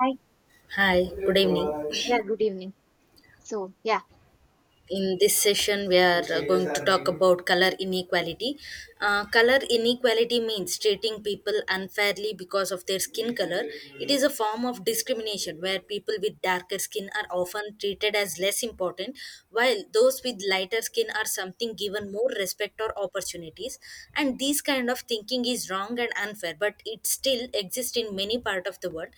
Hi. Hi, good evening. Yeah, good evening. So, yeah, In this session, we are going to talk about color inequality. Color inequality means treating people unfairly because of their skin color. It is a form of discrimination where people with darker skin are often treated as less important, while those with lighter skin are something given more respect or opportunities. And this kind of thinking is wrong and unfair, but it still exists in many parts of the world.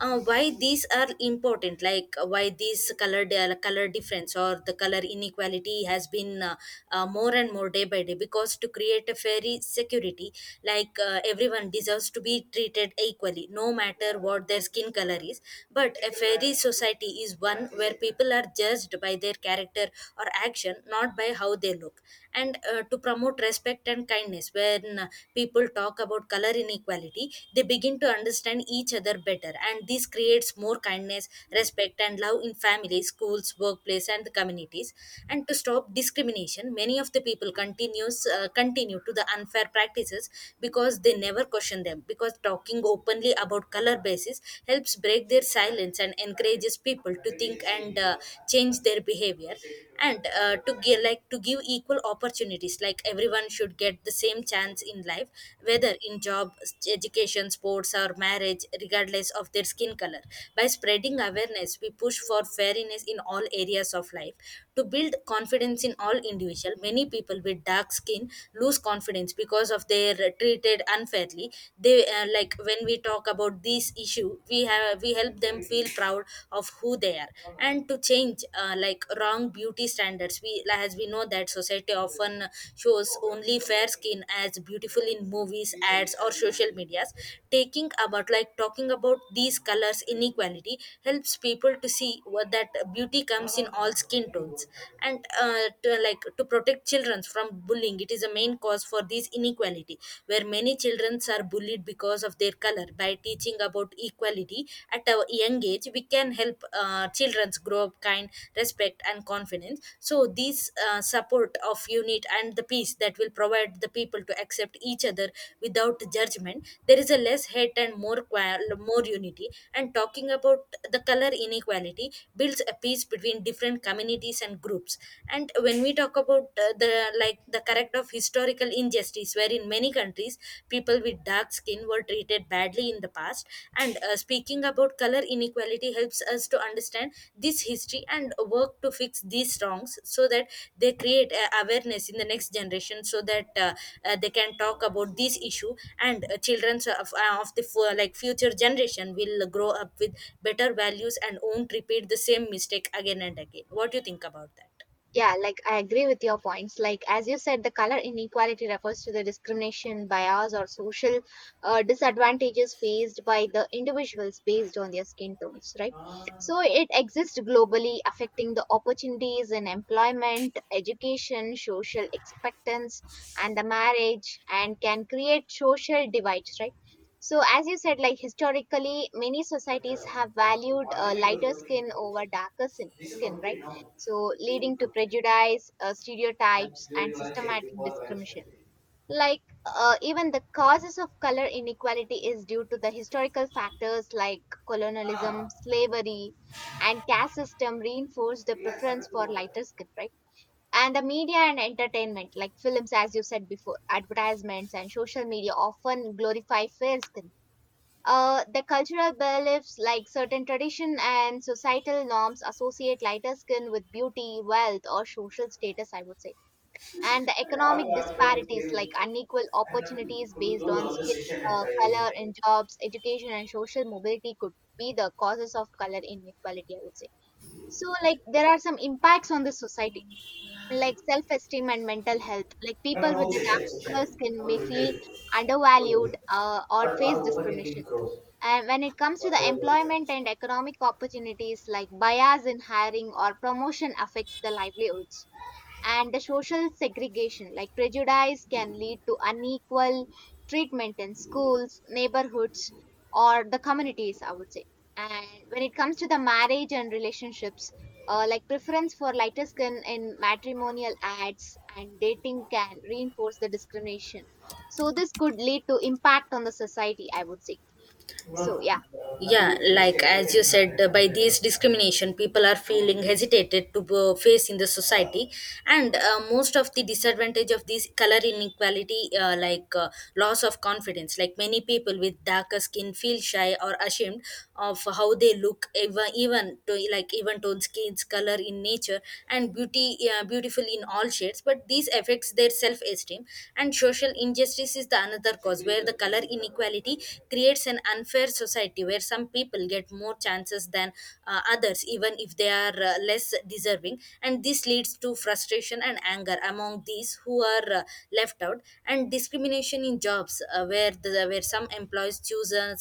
Why these are important, like why these color difference or the color inequality has been more and more day by day, because to create a fair security, like everyone deserves to be treated equally no matter what their skin color is, but a fair society is one where people are judged by their character or action, not by how they look. And to promote respect and kindness, when people talk about color inequality, they begin to understand each other better, and this creates more kindness, respect, and love in families, schools, workplace, and the communities. And to stop discrimination, many of the people continue to the unfair practices because they never question them. Because talking openly about color basis helps break their silence and encourages people to think and change their behavior. And to give like to give, equal opportunities, like everyone should get the same chance in life, whether in job, education, sports, or marriage, regardless of their skin color. By spreading awareness, we push for fairness in all areas of life, to build confidence in all individual. Many people with dark skin lose confidence because of they are treated unfairly. They like, when we talk about this issue, we help them feel proud of who they are. And to change, like, wrong beauty standards, we know that society often shows only fair skin as beautiful in movies, ads, or social medias. Taking about Like, talking about these colors inequality helps people to see what that beauty comes in all skin tones. And like, to protect children from bullying. It is a main cause for this inequality, where many children are bullied because of their color. By teaching about equality at a young age, we can help children grow up kind, respect, and confidence. So these support of unit and the peace, that will provide the people to accept each other without judgment. There is a less hate and more unity, and talking about the color inequality builds a peace between different communities and groups. And when we talk about, the, like, the correct of historical injustice, where in many countries people with dark skin were treated badly in the past. And speaking about color inequality helps us to understand this history and work to fix these wrongs, so that they create awareness in the next generation, so that they can talk about this issue. And children, like, future generation will grow up with better values and won't repeat the same mistake again and again. What do you think about that? Yeah, like I agree with your points. Like, as you said, the color inequality refers to the discrimination, bias, or social disadvantages faced by the individuals based on their skin tones, right? So, it exists globally, affecting the opportunities in employment, education, social expectance, and the marriage, and can create social divides, right? So, as you said, like historically, many societies have valued lighter skin over skin, right? So leading to prejudice, stereotypes, and systematic discrimination. Even the causes of color inequality is due to the historical factors like colonialism, slavery, and caste system reinforced the preference for lighter skin, right? And the media and entertainment, like films, as you said before, advertisements and social media often glorify fair skin. The cultural beliefs like certain tradition and societal norms associate lighter skin with beauty, wealth, or social status, I would say. And the economic disparities like unequal opportunities based on skin, color in jobs, education, and social mobility could be the causes of color inequality, I would say. So, like, there are some impacts on the society, like self esteem and mental health. Like, people with the darker skin may feel undervalued, or face discrimination. And when it comes to the employment and economic opportunities, like bias in hiring or promotion affects the livelihoods. And the social segregation, like prejudice, can lead to unequal treatment in schools, neighborhoods, or the communities, I would say. And when it comes to the marriage and relationships, like preference for lighter skin in matrimonial ads and dating can reinforce the discrimination. So, this could lead to impact on the society, I would say. So, yeah. Yeah, like as you said, by these discrimination, people are feeling hesitated to face in the society. And most of the disadvantage of this color inequality, like, loss of confidence, like many people with darker skin feel shy or ashamed of how they look, even even to like, even toned skins color in nature and beauty, beautiful in all shades, but this affects their self esteem. And social injustice is the another cause, where the color inequality creates an unfair society where some people get more chances than, others, even if they are less deserving. And this leads to frustration and anger among these who are left out, and discrimination in jobs, where some employees choose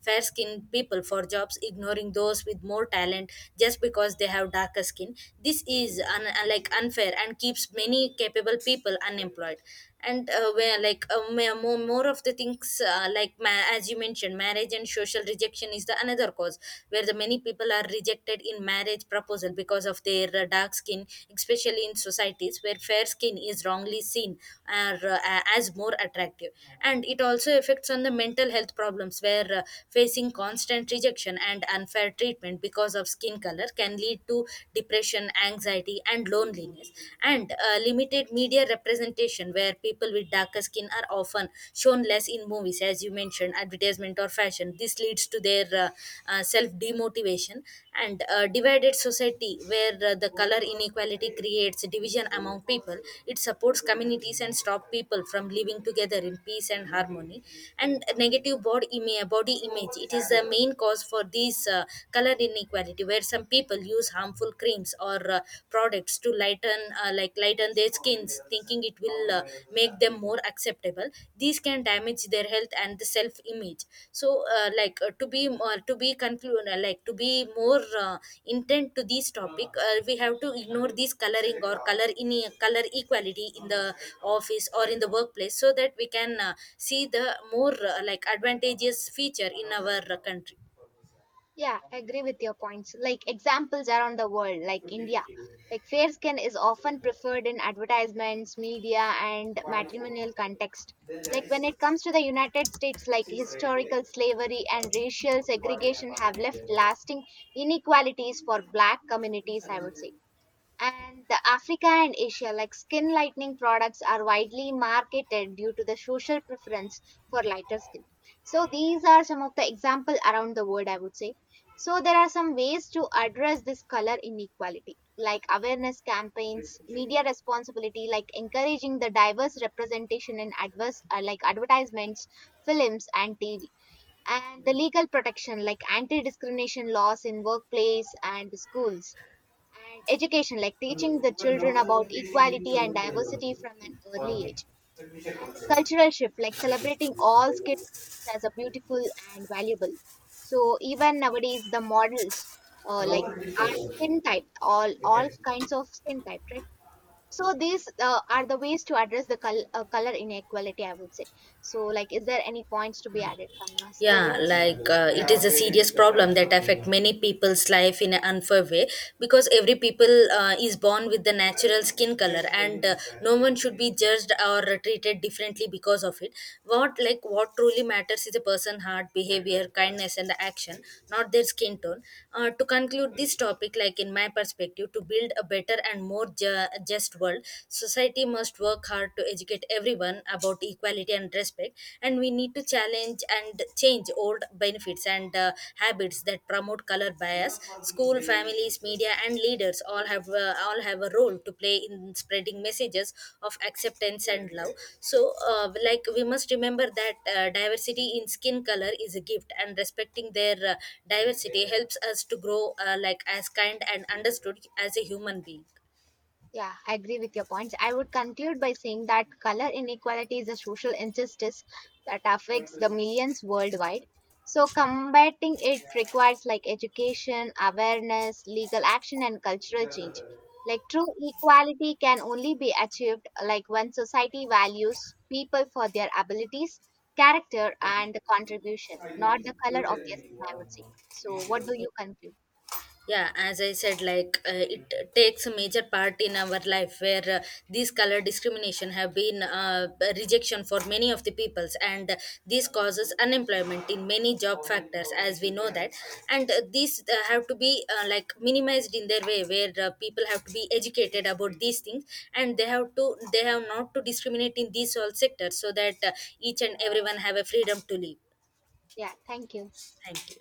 fair skinned people for jobs, ignoring those with more talent just because they have darker skin. This is like, unfair and keeps many capable people unemployed. And where, like, more of the things, like, as you mentioned, marriage and social rejection is the another cause, where the many people are rejected in marriage proposal because of their dark skin, especially in societies where fair skin is wrongly seen, or as more attractive. And it also affects on the mental health problems, where facing constant rejection and unfair treatment because of skin color can lead to depression, anxiety, and loneliness communities. And limited media representation, where people with darker skin are often shown less in movies, as you mentioned, advertisement or fashion. This leads to their self demotivation. And divided society, where the color inequality creates division among people. It supports communities and stop people from living together in peace and harmony. And negative body image, it is the main cause for this color inequality, where some people use harmful creams or products to lighten their skins, thinking it will make them more acceptable. These can damage their health and the self image. So like, to be conclude, like, to be more intent to this topic, we have to ignore this color equality in the office or in the workplace, so that we can see the more, like, advantageous feature in our country. Yeah, I agree with your points. Like examples around the world, like India. Like fair skin is often preferred in advertisements, media, and matrimonial context. Like when it comes to the United States, like historical slavery and racial segregation have left lasting inequalities for black communities, I would say. And the Africa and Asia, like skin lightening products, are widely marketed due to the social preference for lighter skin. So these are some of the example around the world, I would say. So there are some ways to address this color inequality, like awareness campaigns, media responsibility, like encouraging the diverse representation in like advertisements, films, and TV. And the legal protection, like anti-discrimination laws in workplace and schools, and education like teaching the children about equality and diversity from an early age, and the cultural shift like celebrating all skills as a beautiful and valuable. So even nowadays the models, uh, like our skin type, all kinds of skin type, right? So these are the ways to address color inequality, I would say. So like, is there any points to be added from your side? Yeah, like it is a serious problem that affect many people's life in an unfair way, because every people is born with the natural skin color, and no one should be judged or treated differently because of it. What truly matters is a person' heart, behavior, kindness, and the action, not their skin tone. To conclude this topic, like in my perspective, to build a better and more just world, society must work hard to educate everyone about equality and respect, and we need to challenge and change old benefits and habits that promote color bias. School, families, media, and leaders all have a role to play in spreading messages of acceptance and love. So like, we must remember that diversity in skin color is a gift, and respecting their diversity helps us to grow, like, as kind and understood as a human being. Yeah, I agree with your points. I would conclude by saying that color inequality is a social injustice that affects the millions worldwide. So combating it requires like education, awareness, legal action and cultural change. Like true equality can only be achieved like when society values people for their abilities, character and contribution, not the color of their skin, I would say. So what do you conclude? Yeah, as I said, like it takes a major part in our life, where these color discrimination have been rejection for many of the peoples, and this causes unemployment in many job factors, as we know that. And these have to be like, minimized in their way, where people have to be educated about these things. And they have not to discriminate in these all sectors, so that each and everyone have a freedom to live. Yeah, thank you. Thank you.